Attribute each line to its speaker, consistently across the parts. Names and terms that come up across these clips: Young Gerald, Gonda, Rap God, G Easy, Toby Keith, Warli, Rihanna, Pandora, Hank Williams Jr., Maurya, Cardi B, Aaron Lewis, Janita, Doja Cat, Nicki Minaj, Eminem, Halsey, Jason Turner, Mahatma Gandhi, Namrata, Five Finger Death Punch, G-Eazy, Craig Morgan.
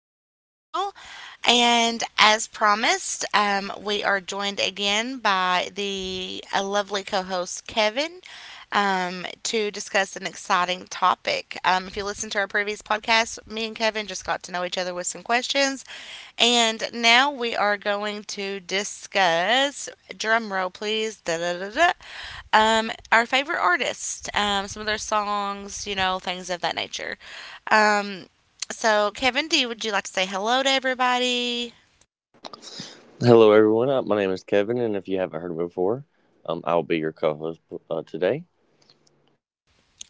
Speaker 1: host, Angel. And as promised, we are joined again by the a lovely co host, Kevin, to discuss an exciting topic. If you listen to our previous podcast, me and Kevin just got to know each other with some questions. And now we are going to discuss, drum roll please, da da da da, our favorite artists, some of their songs, you know, things of that nature. Um, so, Kevin, would you like to say hello to everybody?
Speaker 2: Hello, everyone. My name is Kevin, and if you haven't heard me before, I'll be your co-host today.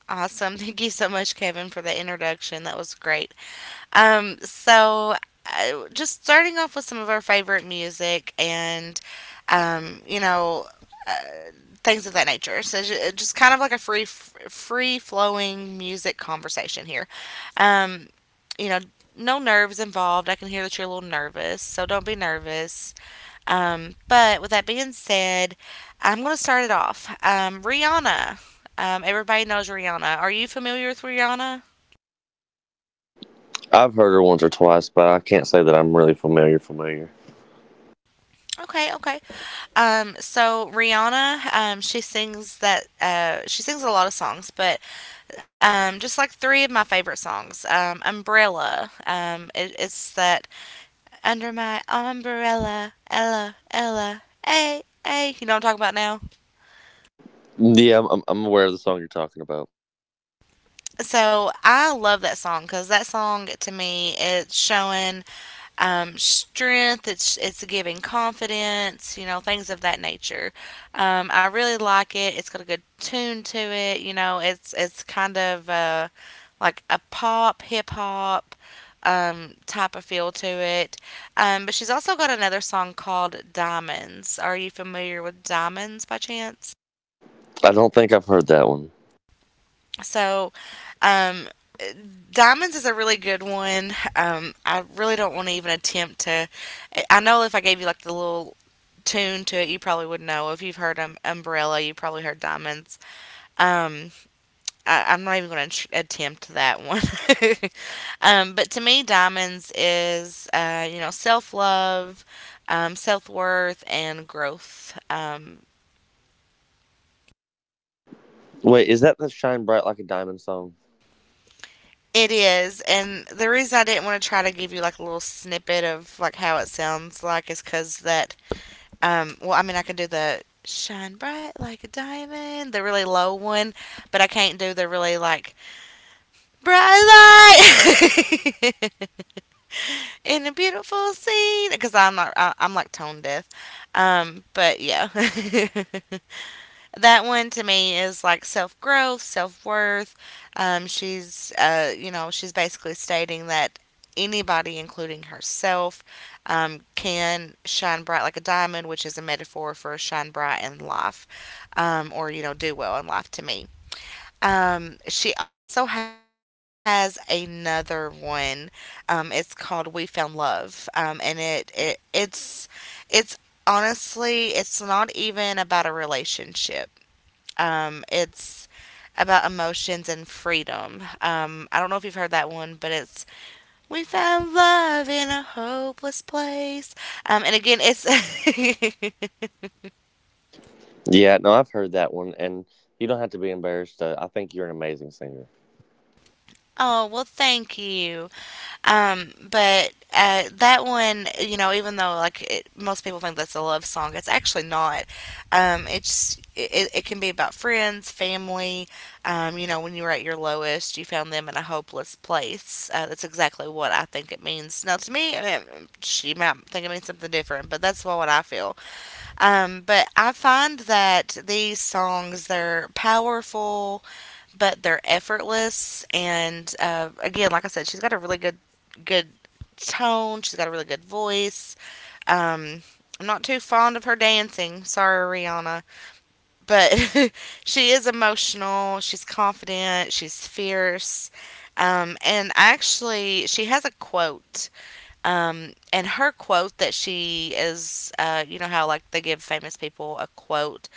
Speaker 1: Awesome. Thank you so much, Kevin, for the introduction. That was great. Um, so just starting off with some of our favorite music and, you know, uh, things of that nature. So just kind of like a free, free flowing music conversation here. Um, you know, no nerves involved. I can hear that you're a little nervous, so don't be nervous. But with that being said, I'm gonna start it off. Rihanna. Everybody knows Rihanna. Are you familiar with Rihanna?
Speaker 2: I've heard her once or twice, but I can't say that I'm really familiar. Familiar.
Speaker 1: Okay, okay. So Rihanna, she sings a lot of songs, but just like three of my favorite songs, "Umbrella." It's that under my umbrella, Ella, Ella, hey, hey. You know what I'm talking about now?
Speaker 2: Yeah, I'm aware of the song you're talking about.
Speaker 1: So I love that song because that song to me it's showing strength. It's giving confidence. You know, things of that nature. I really like it. It's got a good tune to it. You know it's kind of like a pop hip hop type of feel to it. But she's also got another song called Diamonds. Are you familiar with Diamonds by chance?
Speaker 2: I don't think I've heard that one.
Speaker 1: So, um, Diamonds is a really good one. I really don't want to even attempt to. I know if I gave you like the little tune to it, you probably would know. If you've heard Umbrella, you probably heard Diamonds. Um, I'm not even going to attempt that one. But to me, Diamonds is, you know, self love, self worth, and growth.
Speaker 2: Wait, is that the "Shine Bright Like a Diamond" song?
Speaker 1: It is, and the reason I didn't want to try to give you like a little snippet of like how it sounds like is because that well, I mean, I can do the shine bright like a diamond, the really low one, but I can't do the really like bright light in a beautiful scene because I'm not, I, I'm like tone deaf. But yeah. That one to me is like self growth, self worth. She's, you know, she's basically stating that anybody, including herself, can shine bright like a diamond, which is a metaphor for shine bright in life, or, you know, do well in life to me. She also has another one. It's called "We Found Love," and it it's it's honestly it's not even about a relationship. It's about emotions and freedom. I don't know if you've heard that one, but it's "We found love in a hopeless place." And again, it's
Speaker 2: Yeah, no, I've heard that one, and you don't have to be embarrassed. I think you're an amazing singer.
Speaker 1: oh well, thank you. But That one, you know, even though like it, most people think that's a love song, it's actually not. It can be about friends, family. You know, when you were at your lowest, you found them in a hopeless place. That's exactly what I think it means. Now, to me, I mean, she might think it means something different, but that's what I feel. But I find that these songs they're powerful but they're effortless. And again, like I said, she's got a really good tone. She's got a really good voice. Um, I'm not too fond of her dancing. Sorry, Rihanna. But she is emotional. She's confident. She's fierce. And actually, she has a quote and her quote that she is, you know how like they give famous people a quote,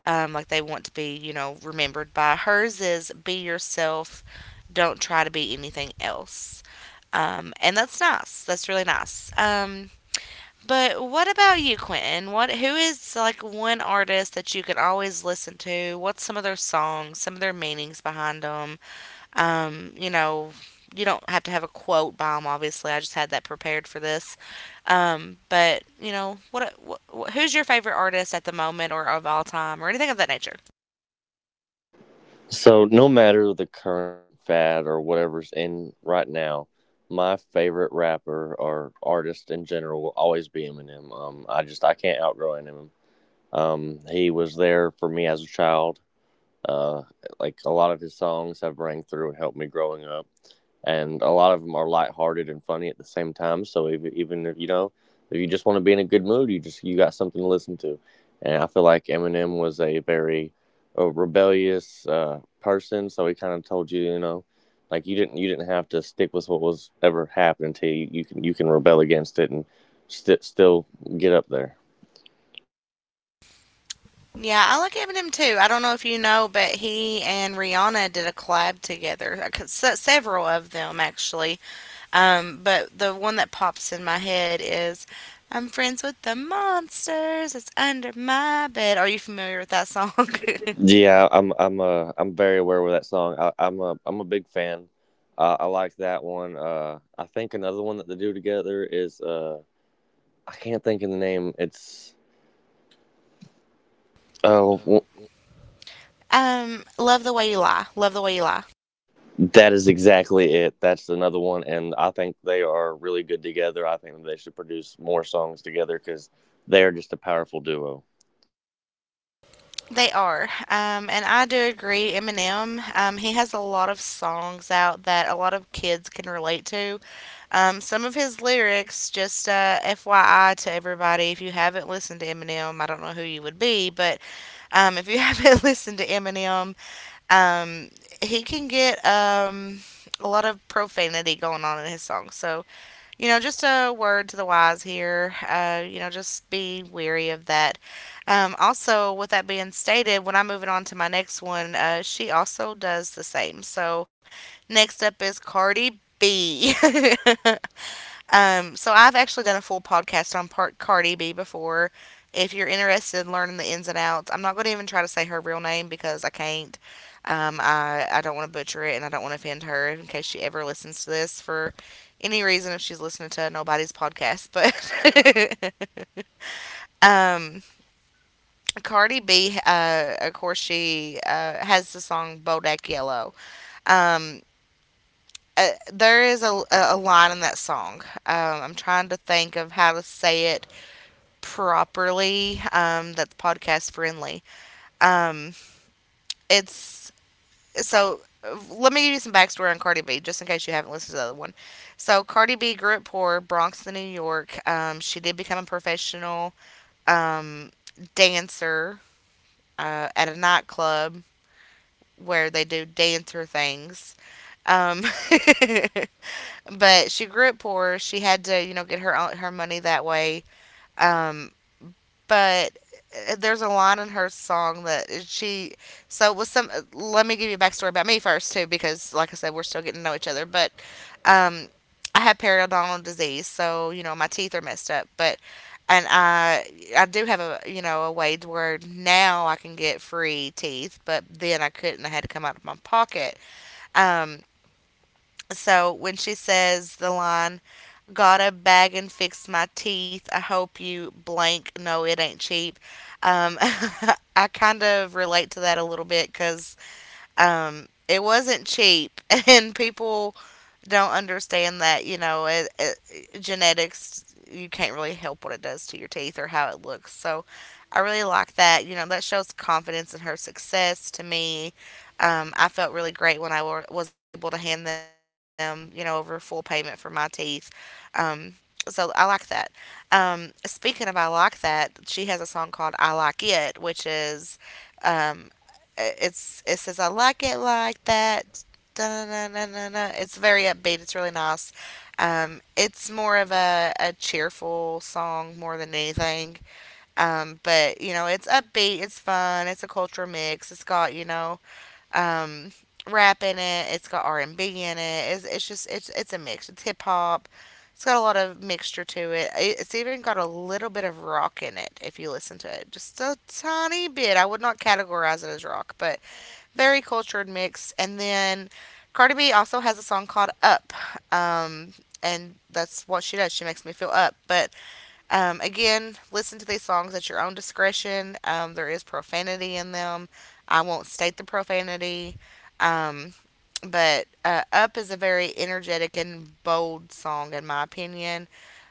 Speaker 1: like they want to be, you know, remembered by. Hers is "Be yourself, don't try to be anything else," and that's nice. That's really nice. But what about you, Quentin? What, who is like one artist that you can always listen to? What's some of their songs? Some of their meanings behind them? You know, you don't have to have a quote bomb. Obviously, I just had that prepared for this. But you know, what, who's your favorite artist at the moment, or of all time, or anything of that nature?
Speaker 2: So, no matter the current fad or whatever's in right now, my favorite rapper or artist in general will always be Eminem. I just I can't outgrow Eminem. He was there for me as a child. Uh, like a lot of his songs have rang through and helped me growing up, and a lot of them are lighthearted and funny at the same time. So if, even if you know, if you just want to be in a good mood, you just you got something to listen to. And I feel like Eminem was a very rebellious person, so he kind of told you, you know, like you didn't have to stick with what was ever happening to you. You can rebel against it and still get up there.
Speaker 1: Yeah, I like Eminem too. I don't know if you know, but he and Rihanna did a collab together. Several of them, actually. But the one that pops in my head is I'm friends with the monsters. It's under my bed. Are you familiar with that song?
Speaker 2: Yeah, I'm very aware of that song. I'm a I'm a big fan. I like that one. I think another one that they do together is I can't think of the name. It's oh w-
Speaker 1: Love the way you lie. Love the way you lie.
Speaker 2: that is exactly it. That's another one, and I think they are really good together. I think they should produce more songs together because they are just a powerful duo.
Speaker 1: They are, and I do agree. Eminem, he has a lot of songs out that a lot of kids can relate to. Some of his lyrics, just FYI to everybody, if you haven't listened to Eminem, I don't know who you would be, but if you Haven't listened to Eminem, um, he can get a lot of profanity going on in his songs. So you know, just a word to the wise here. You know, just be weary of that. Also, with that being stated, when I'm moving on to my next one, she also does the same. So, next up is Cardi B. So I've actually done a full podcast on Part Cardi B before. If you're interested in learning the ins and outs, I'm not going to even try to say her real name because I can't. I don't want to butcher it and I don't want to offend her in case she ever listens to this for any reason if she's listening to nobody's podcast. But um, Cardi B, of course, she has the song "Bodak Yellow." Um, there is a line in that song. I'm trying to think of how to say it properly. That's podcast friendly. Um, it's so Let me give you some backstory on Cardi B, just in case you haven't listened to the other one. So Cardi B grew up poor, Bronx to New York. She did become a professional um, dancer at a nightclub where they do dancer things. Um, but she grew up poor. She had to, you know, get her own, her money that way. Um, but there's a line in her song that she so with some Let me give you a backstory about me first too because like I said we're still getting to know each other but um I have periodontal disease so you know my teeth are messed up but and I do have a, you know, a way to where now I can get free teeth but then I couldn't, I had to come out of my pocket, um so when she says the line got a bag and fixed my teeth. I hope you blank. No, it ain't cheap. Um, I kind of relate to that a little bit because it wasn't cheap, and people don't understand that, you know, genetics you can't really help what it does to your teeth or how it looks, so I really like that, you know, that shows confidence in her success to me. I felt really great when was able to hand them, you know, over full payment for my teeth. um, so I like that. Speaking of I like that, she has a song called I Like It, which is, um, it says I like it like that, da-na-na-na-na-na. It's very upbeat. It's really nice. It's more of a cheerful song more than anything. But, you know, it's upbeat. It's fun. It's a culture mix. It's got, you know, um, rap in it. It's got R&B in it. It's a mix. It's hip hop. It's got a lot of mixture to it. It's even got a little bit of rock in it if you listen to it. Just a tiny bit. I would not categorize it as rock, but very cultured mix. And then Cardi B also has a song called Up. Um, and that's what she does. She makes me feel up. But again, listen to these songs at your own discretion. There is profanity in them. I won't state the profanity. Um, but Up is a very energetic and bold song, in my opinion.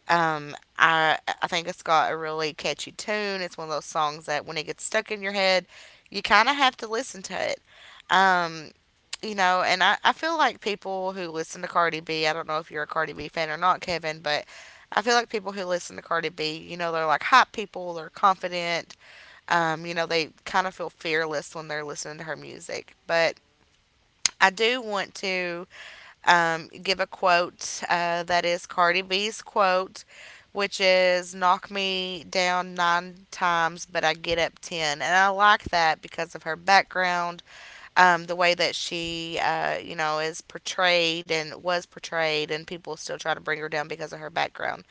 Speaker 1: I think it's got a really catchy tune. It's one of those songs that when it gets stuck in your head, you kind of have to listen to it. Um, and I feel like people who listen to Cardi B. I don't know if you're a Cardi B fan or not, Kevin, but I feel like people who listen to Cardi B, they're like hype people. They're confident, they kind of feel fearless when they're listening to her music. But I do want to give a quote that is Cardi B's quote, which is knock me down nine times, but I get up ten. And I like that because of her background, the way that she, is portrayed and was portrayed, and people still try to bring her down because of her background.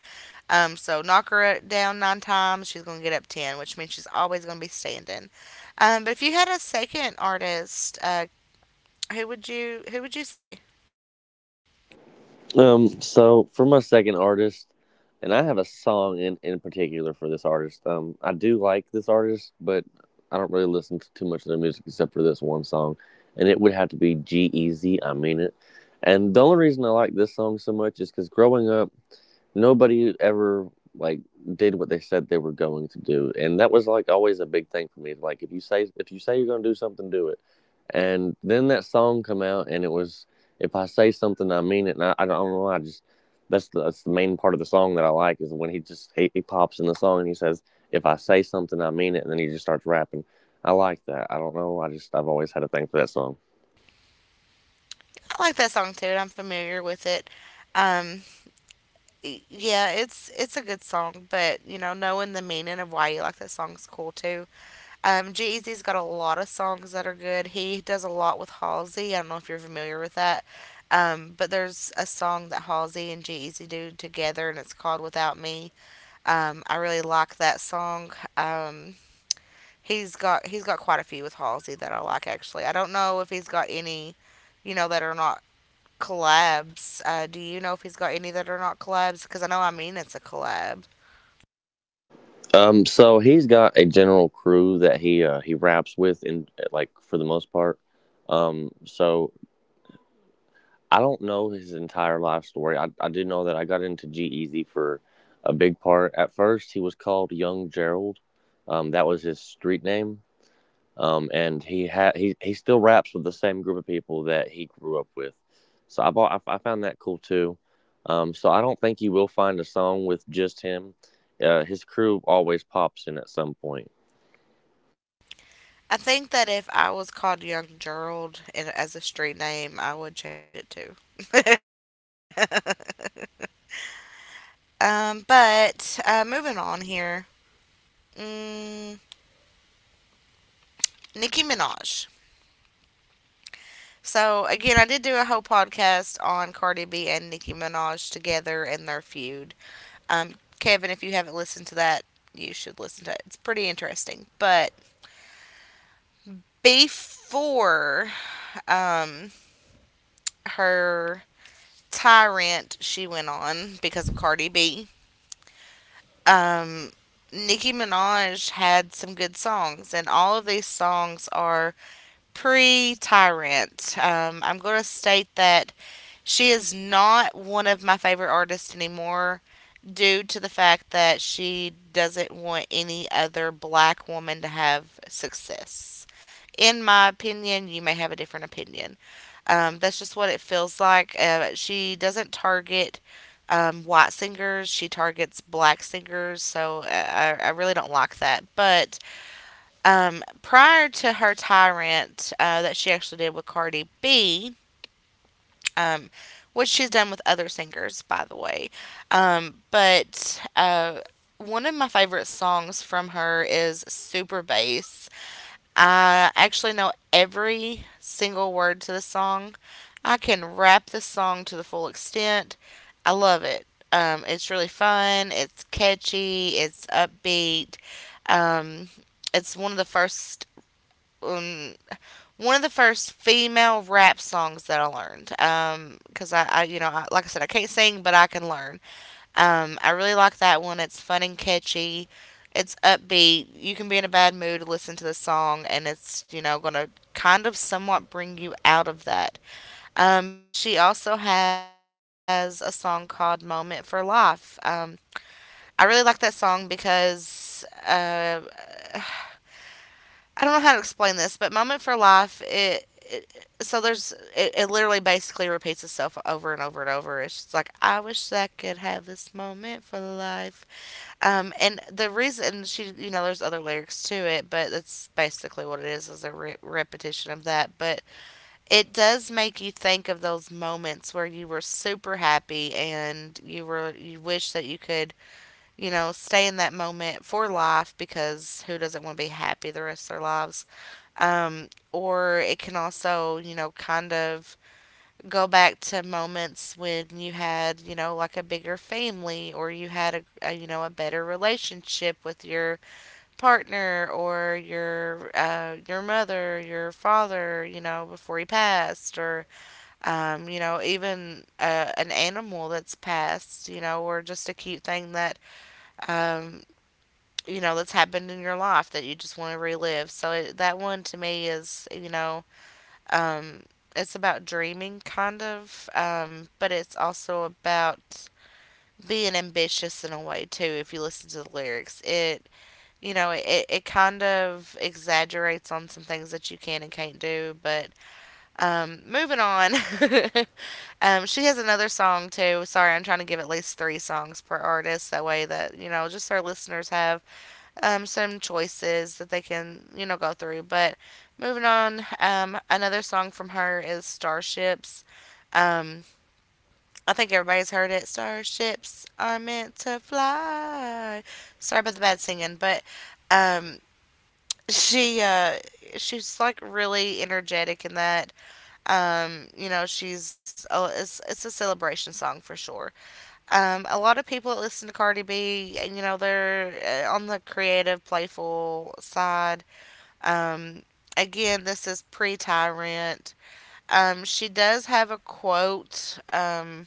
Speaker 1: So knock her down nine times, she's going to get up ten, which means she's always going to be standing. But if you had a second artist, who would you say?
Speaker 2: So for my second artist, and I have a song in particular for this artist. I do like this artist, but I don't really listen to too much of their music except for this one song, and it would have to be G Easy. I mean it. And the only reason I like this song so much is because growing up nobody ever like did what they said they were going to do, and that was like always a big thing for me. Like if you say you're going to do something, do it. And then that song come out and it was, if I say something, I mean it. And I don't know. I just, that's the main part of the song that I like, is when he just he pops in the song and he says, if I say something, I mean it, and then he just starts rapping. I like that. I don't know. I just I've always had a thing for that song.
Speaker 1: I like that song too, and I'm familiar with it. Um, yeah, it's a good song, but you know, knowing the meaning of why you like that song is cool too. G-Eazy's got a lot of songs that are good. He does a lot with Halsey. I don't know if you're familiar with that, but there's a song that Halsey and G-Eazy do together, and it's called "Without Me." I really like that song. He's got quite a few with Halsey that I like actually. I don't know if he's got any, you know, that are not collabs. Do you know if he's got any that are not collabs? Because I know I mean it's a collab.
Speaker 2: So he's got a general crew that he raps with, in like for the most part. So I don't know his entire life story. I do know that I got into G Easy for a big part. At first, he was called Young Gerald. That was his street name. And he had he still raps with the same group of people that he grew up with. So I bought I, f- I found that cool too. So I don't think you will find a song with just him. His crew always pops in at some point.
Speaker 1: I think that if I was called Young Gerald and as a street name, I would change it too. But moving on here, mm, Nicki Minaj. So again, I did do a whole podcast on Cardi B and Nicki Minaj together and their feud. Um, Kevin, if you haven't listened to that, you should listen to it. It's pretty interesting. But before um, her Tyrant, she went on because of Cardi B. Um, Nicki Minaj had some good songs, and all of these songs are pre Tyrant. I'm going to state that she is not one of my favorite artists anymore due to the fact that she doesn't want any other black woman to have success. In my opinion, you may have a different opinion. That's just what it feels like. She doesn't target white singers, she targets black singers, so I really don't like that. But prior to her Tyrant that she actually did with Cardi B, um, which she's done with other singers, by the way, but one of my favorite songs from her is Super Bass. I actually know every single word to the song. I can rap the song to the full extent. I love it. It's really fun. It's catchy. It's upbeat. Um, it's one of the first um, One of the first female rap songs that I learned. Because you know, like I said, I can't sing, but I can learn. I really like that one. It's fun and catchy. It's upbeat. You can be in a bad mood, listen to the song, and it's, you know, going to kind of somewhat bring you out of that. But she also has a song called Moment for Life. I really like that song because I don't know how to explain this, but Moment for Life, it so there's it, it literally basically repeats itself over and over and over. It's just like I wish I could have this moment for life. And the reason she, you know, there's other lyrics to it, but that's basically what it is a repetition of that. But it does make you think of those moments where you were super happy and you were, you wish that you could, you know, stay in that moment for life because who doesn't want to be happy the rest of their lives? Or it can also, you know, kind of go back to moments when you had you know like a bigger family or you had a you know a better relationship with your partner or your mother your father you know before he passed or you know even an animal that's passed you know or just a cute thing that um, you know that's happened in your life that you just want to relive so that one to me is you know um, it's about dreaming, kind of, but it's also about being ambitious in a way too. If you listen to the lyrics, it you know it, it kind of exaggerates on some things that you can and can't do. But moving on, she has another song too. Sorry, I'm trying to give at least three songs per artist. That way that you know just our listeners have some choices that they can, you know, go through. But moving on, another song from her is Starships. Um, I think everybody's heard it. Starships are meant to fly. Sorry about the bad singing, but um, she uh, she's like really energetic in that. You know, she's oh, it's a celebration song for sure. A lot of people that listen to Cardi B, you know, they're on the creative, playful side, um, again, this is pre Tyrant. She does have a quote.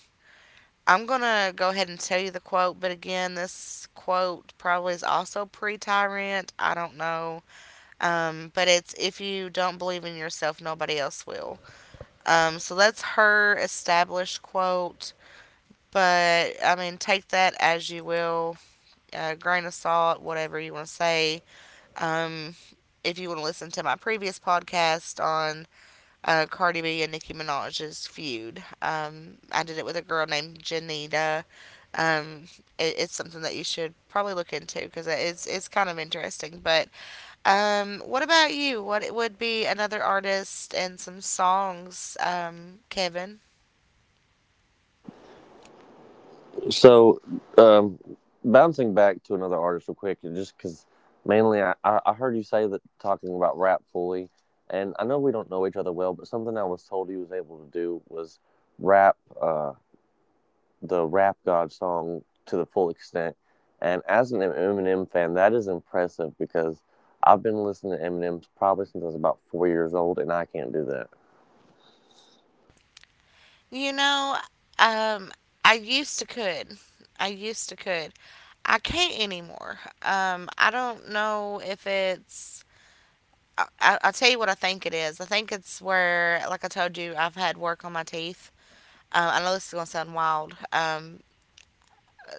Speaker 1: I'm going to go ahead and tell you the quote, but again, this quote probably is also pre Tyrant. I don't know. But it's if you don't believe in yourself, nobody else will. So that's her established quote. But I mean, take that as you will, grain of salt, whatever you want to say. Um, if you want to listen to my previous podcast on Cardi B and Nicki Minaj's feud. I did it with a girl named Janita. Um, it's something that you should probably look into because it's kind of interesting. But what about you? What would be another artist and some songs, Kevin?
Speaker 2: So, um, bouncing back to another artist real quick, and just because mainly, I heard you say that, talking about rap fully, and I know we don't know each other well, but something I was told he was able to do was rap uh, the Rap God song to the full extent. And as an Eminem fan, that is impressive because I've been listening to Eminem probably since I was about 4 years old, and I can't do that.
Speaker 1: You know, um, I used to could. I used to could. I can't anymore. I don't know if it's I'll tell you what I think it is. I think it's where, like I told you, I've had work on my teeth. I know this is going to sound wild.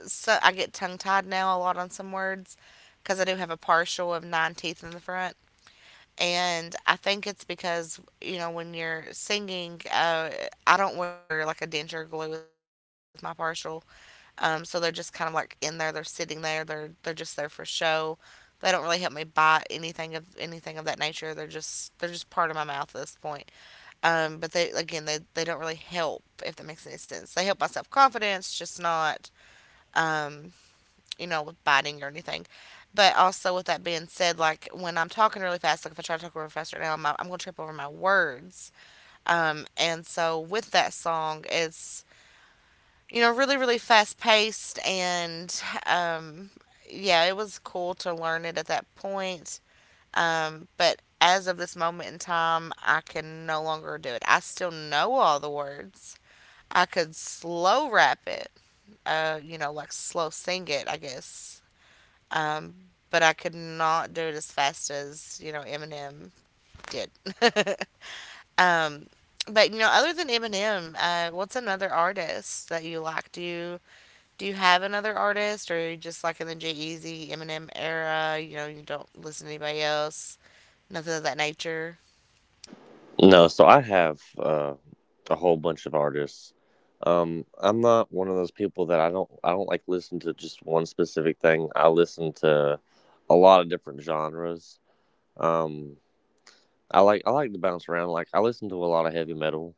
Speaker 1: So I get tongue tied now a lot on some words because I do have a partial of nine teeth in the front. And I think it's because, you know, when you're singing, I don't wear like a denture glue with my partial. So they're just kind of like in there. They're sitting there. They're just there for show. They don't really help me buy anything of that nature. They're just part of my mouth at this point. But they again they don't really help if that makes any sense. They help my self confidence, just not um, you know with biting or anything. But also with that being said, like when I'm talking really fast, like if I try to talk really fast right now, I'm gonna trip over my words. And so with that song, it's you know, really, really fast paced. And um, yeah, it was cool to learn it at that point. But as of this moment in time, I can no longer do it. I still know all the words. I could slow rap it, you know, like slow sing it, I guess. Um, but I could not do it as fast as, you know, Eminem did. um, but, you know, other than Eminem, what's another artist that you like? Do you have another artist, or are you just like in the Jay Z, Eminem era? You know, you don't listen to anybody else, nothing of that nature.
Speaker 2: No, so I have a whole bunch of artists. I'm not one of those people that I don't like listen to just one specific thing. I listen to a lot of different genres. Um, I like to bounce around. Like I listen to a lot of heavy metal.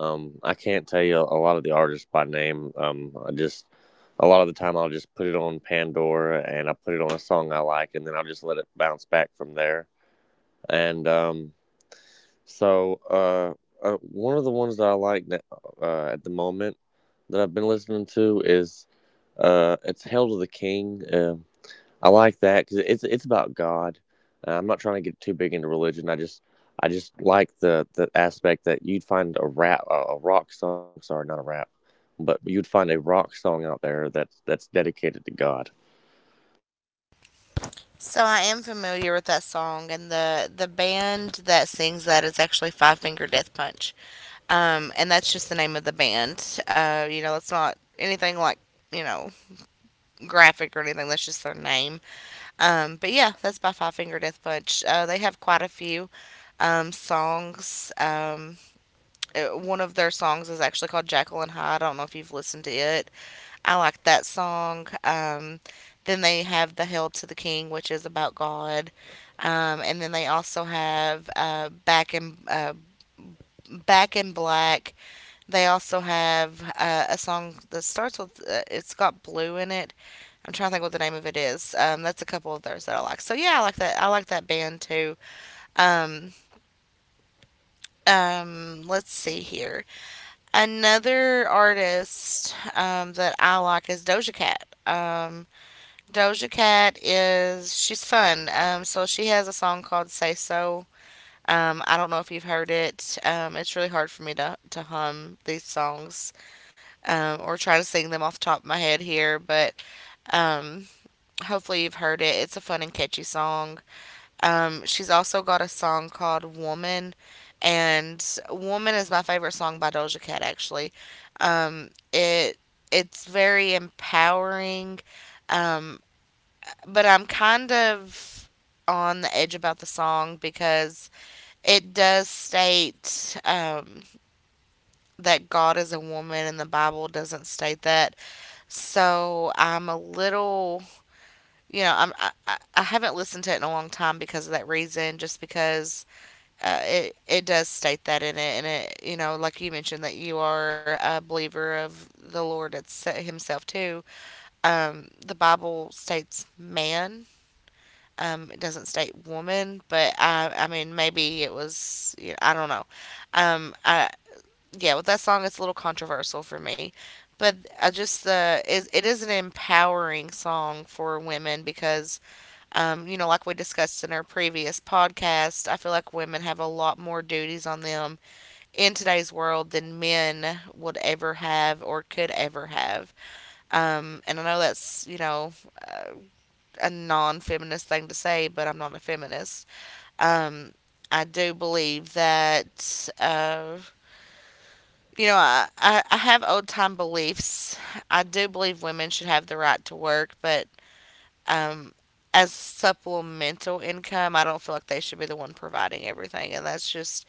Speaker 2: I can't tell you a, lot of the artists by name. I just a lot of the time I'll just put it on Pandora and I put it on a song I like, and then I'll just let it bounce back from there. And so, uh, one of the ones that I like, that, at the moment that I've been listening to, is it's "Hail to the King." I like that because it's about God. I'm not trying to get too big into religion. I just like the aspect that you'd find a rock song. Sorry, not a rap, but you'd find a rock song out there that's dedicated to God.
Speaker 1: So I am familiar with that song, and the band that sings that is actually Five Finger Death Punch, and that's just the name of the band. You know, that's not anything like you know graphic or anything. That's just their name. But yeah, that's by Five Finger Death Punch. They have quite a few songs. One of their songs is actually called Jacqueline High. I don't know if you've listened to it. I like that song. Then they have The Hail to the King, which is about God. And then they also have Back in Black. They also have a song that starts with it's got blue in it. I'm trying to think what the name of it is. That's a couple of theirs that I like. So yeah, I like that. I like that band too. Um, let's see here. Another artist that I like is Doja Cat. Doja Cat is she's fun. So she has a song called "Say So." I don't know if you've heard it. It's really hard for me to hum these songs or try to sing them off the top of my head here, but um, hopefully you've heard it. It's a fun and catchy song. She's also got a song called Woman, and Woman is my favorite song by Doja Cat, actually. It it's very empowering, um, but I'm kind of on the edge about the song because it does state that God is a woman, and the Bible doesn't state that. So I'm a little, I I haven't listened to it in a long time because of that reason, just because it does state that in it, and it you know, like you mentioned, that you are a believer of the Lord it's Himself too. The Bible states man. It doesn't state woman, but I mean maybe it was you know, I don't know. I Yeah, with that song, it's a little controversial for me. But I just the it, it is an empowering song for women because you know like we discussed in our previous podcast, I feel like women have a lot more duties on them in today's world than men would ever have or could ever have. And I know that's, you know, uh, a non feminist thing to say, but I'm not a feminist. Um, I do believe that, you know, I have old time beliefs. I do believe women should have the right to work, but um, as supplemental income, I don't feel like they should be the one providing everything. And that's just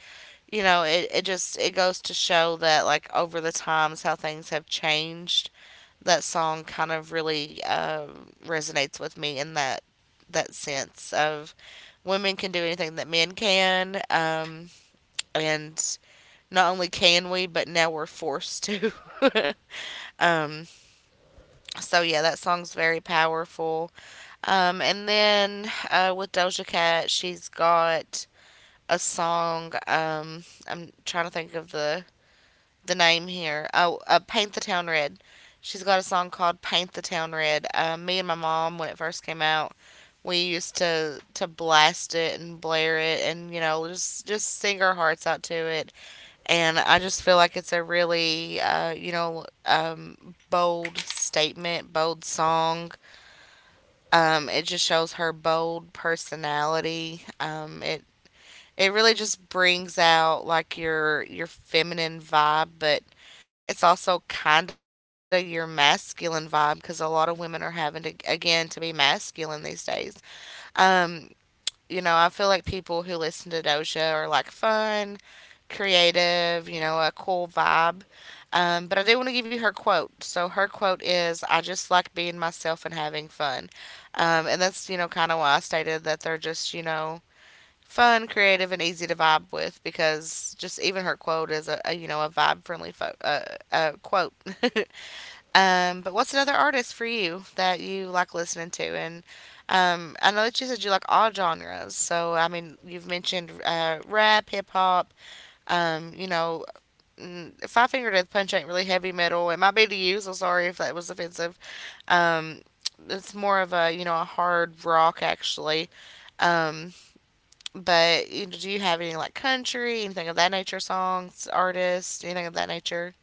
Speaker 1: you know, it goes to show that like over the times how things have changed. That song kind of really resonates with me in that sense of women can do anything that men can, and not only can we, but now we're forced to. um, so yeah, that song's very powerful. And then With Doja Cat, she's got a song. I'm trying to think of the name here. Oh, Paint the Town Red. She's got a song called Paint the Town Red. Me and my mom, when it first came out, we used to blast it and blare it and you know just sing our hearts out to it and I just feel like it's a really bold statement, bold song, it just shows her bold personality, it it really just brings out like your feminine vibe, but it's also kind of your masculine vibe because a lot of women are having to again to be masculine these days. Um, you know, I feel like people who listen to Doja are like fun, creative, you know, a cool vibe. But I do want to give you her quote. So her quote is, "I just like being myself and having fun," and that's you know kind of why I stated that they're just you know fun, creative, and easy to vibe with because just even her quote is a you know a vibe friendly quote. But what's another artist for you that you like listening to? And I know that you said you like all genres, so I mean you've mentioned rap, hip hop. You know, Five Finger Death Punch ain't really heavy metal. It might be to you, so sorry if that was offensive. Um, it's more of a you know a hard rock actually. Um, but you know, do you have any like country, anything of that nature, songs, artists, anything of that nature?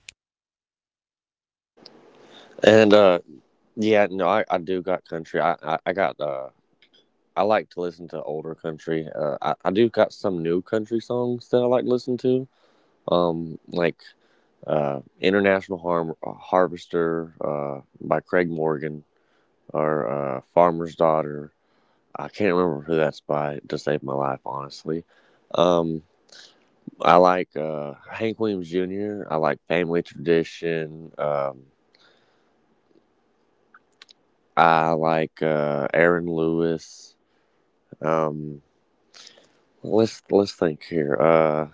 Speaker 2: And yeah, no, I do got country. I got I like to listen to older country. I do got some new country songs that I like to listen to. Like International Harm Harvester by Craig Morgan, or Farmer's Daughter. I can't remember who that's by to save my life, honestly. Um, I like Hank Williams Jr. I like Family Tradition. I like Aaron Lewis. Um, let's think here.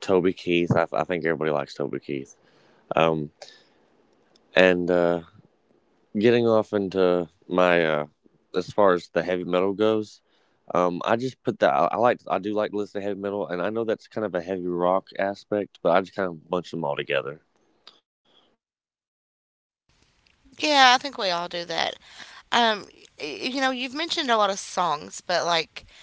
Speaker 2: Toby Keith. I think everybody likes Toby Keith. Um, and Getting off into my as far as the heavy metal goes, I just put that. I do like to listen to heavy metal, and I know that's kind of a heavy rock aspect, but I just kind of bunch them all together.
Speaker 1: Yeah, I think we all do that. Um, you know, you've mentioned a lot of songs, but like,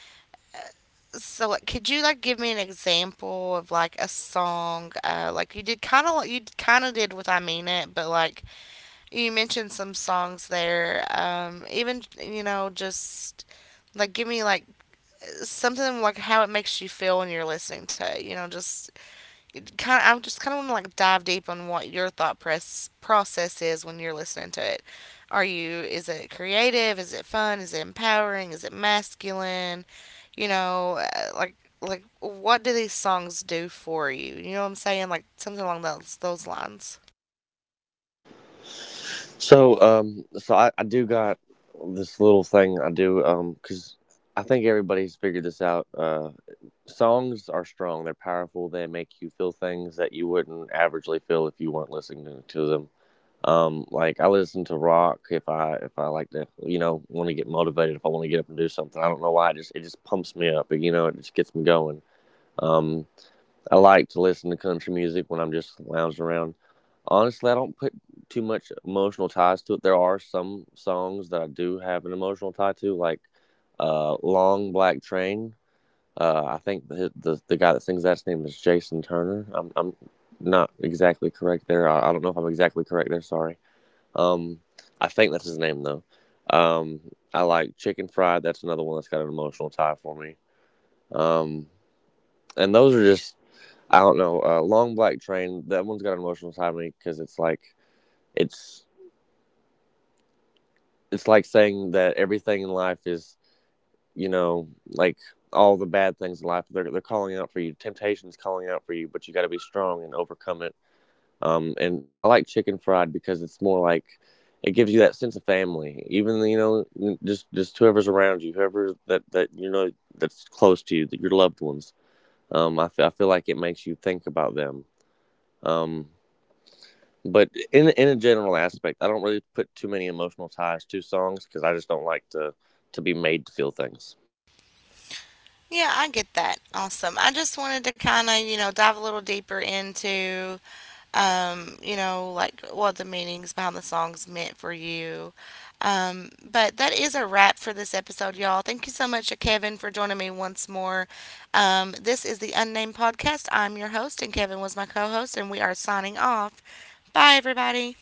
Speaker 1: so like, could you like give me an example of like a song? Like you kind of did with I Mean It, but like you mentioned some songs there. Even you know just like give me like something like how it makes you feel when you're listening to it. You know, I just kind of want to like dive deep on what your thought press process is when you're listening to it. Is it creative? Is it fun? Is it empowering? Is it masculine? You know, like what do these songs do for you? You know what I'm saying? Like something along those lines.
Speaker 2: So, I do got this little thing I do, because I think everybody's figured this out. Songs are strong, they're powerful, they make you feel things that you wouldn't averagely feel if you weren't listening to them. Like I listen to rock, if I if I like to, you know, want to get motivated, if I want to get up and do something. I don't know why, it just pumps me up, you know, it just gets me going. um I like to listen to country music when I'm just lounging around. Honestly, I don't put too much emotional ties to it. There are some songs that I do have an emotional tie to, like Long Black Train. I think the guy that sings that's name is Jason Turner. I'm not exactly correct there. I don't know if I'm exactly correct there. Sorry. Um, I think that's his name though. Um, I like Chicken Fried. That's another one that's got an emotional tie for me. Um, and those are just I don't know. Long Black Train. That one's got an emotional tie to me because it's it's like saying that everything in life is. You know, like all the bad things in life. They're calling out for you. Temptation's calling out for you, but you got to be strong and overcome it. And I like Chicken Fried because it's more like it gives you that sense of family. Even you know, just whoever's around you, whoever that that you know that's close to you, that your loved ones. I feel like it makes you think about them. Um. But in a general aspect, I don't really put too many emotional ties to songs because I just don't like to be made to feel things.
Speaker 1: Yeah, I get that. Awesome. I just wanted to kind of, you know, dive a little deeper into you know, like what the meanings behind the songs meant for you. But that is a wrap for this episode, y'all. Thank you so much to Kevin for joining me once more. This is the Unnamed Podcast. I'm your host, and Kevin was my co host, and we are signing off. Bye, everybody.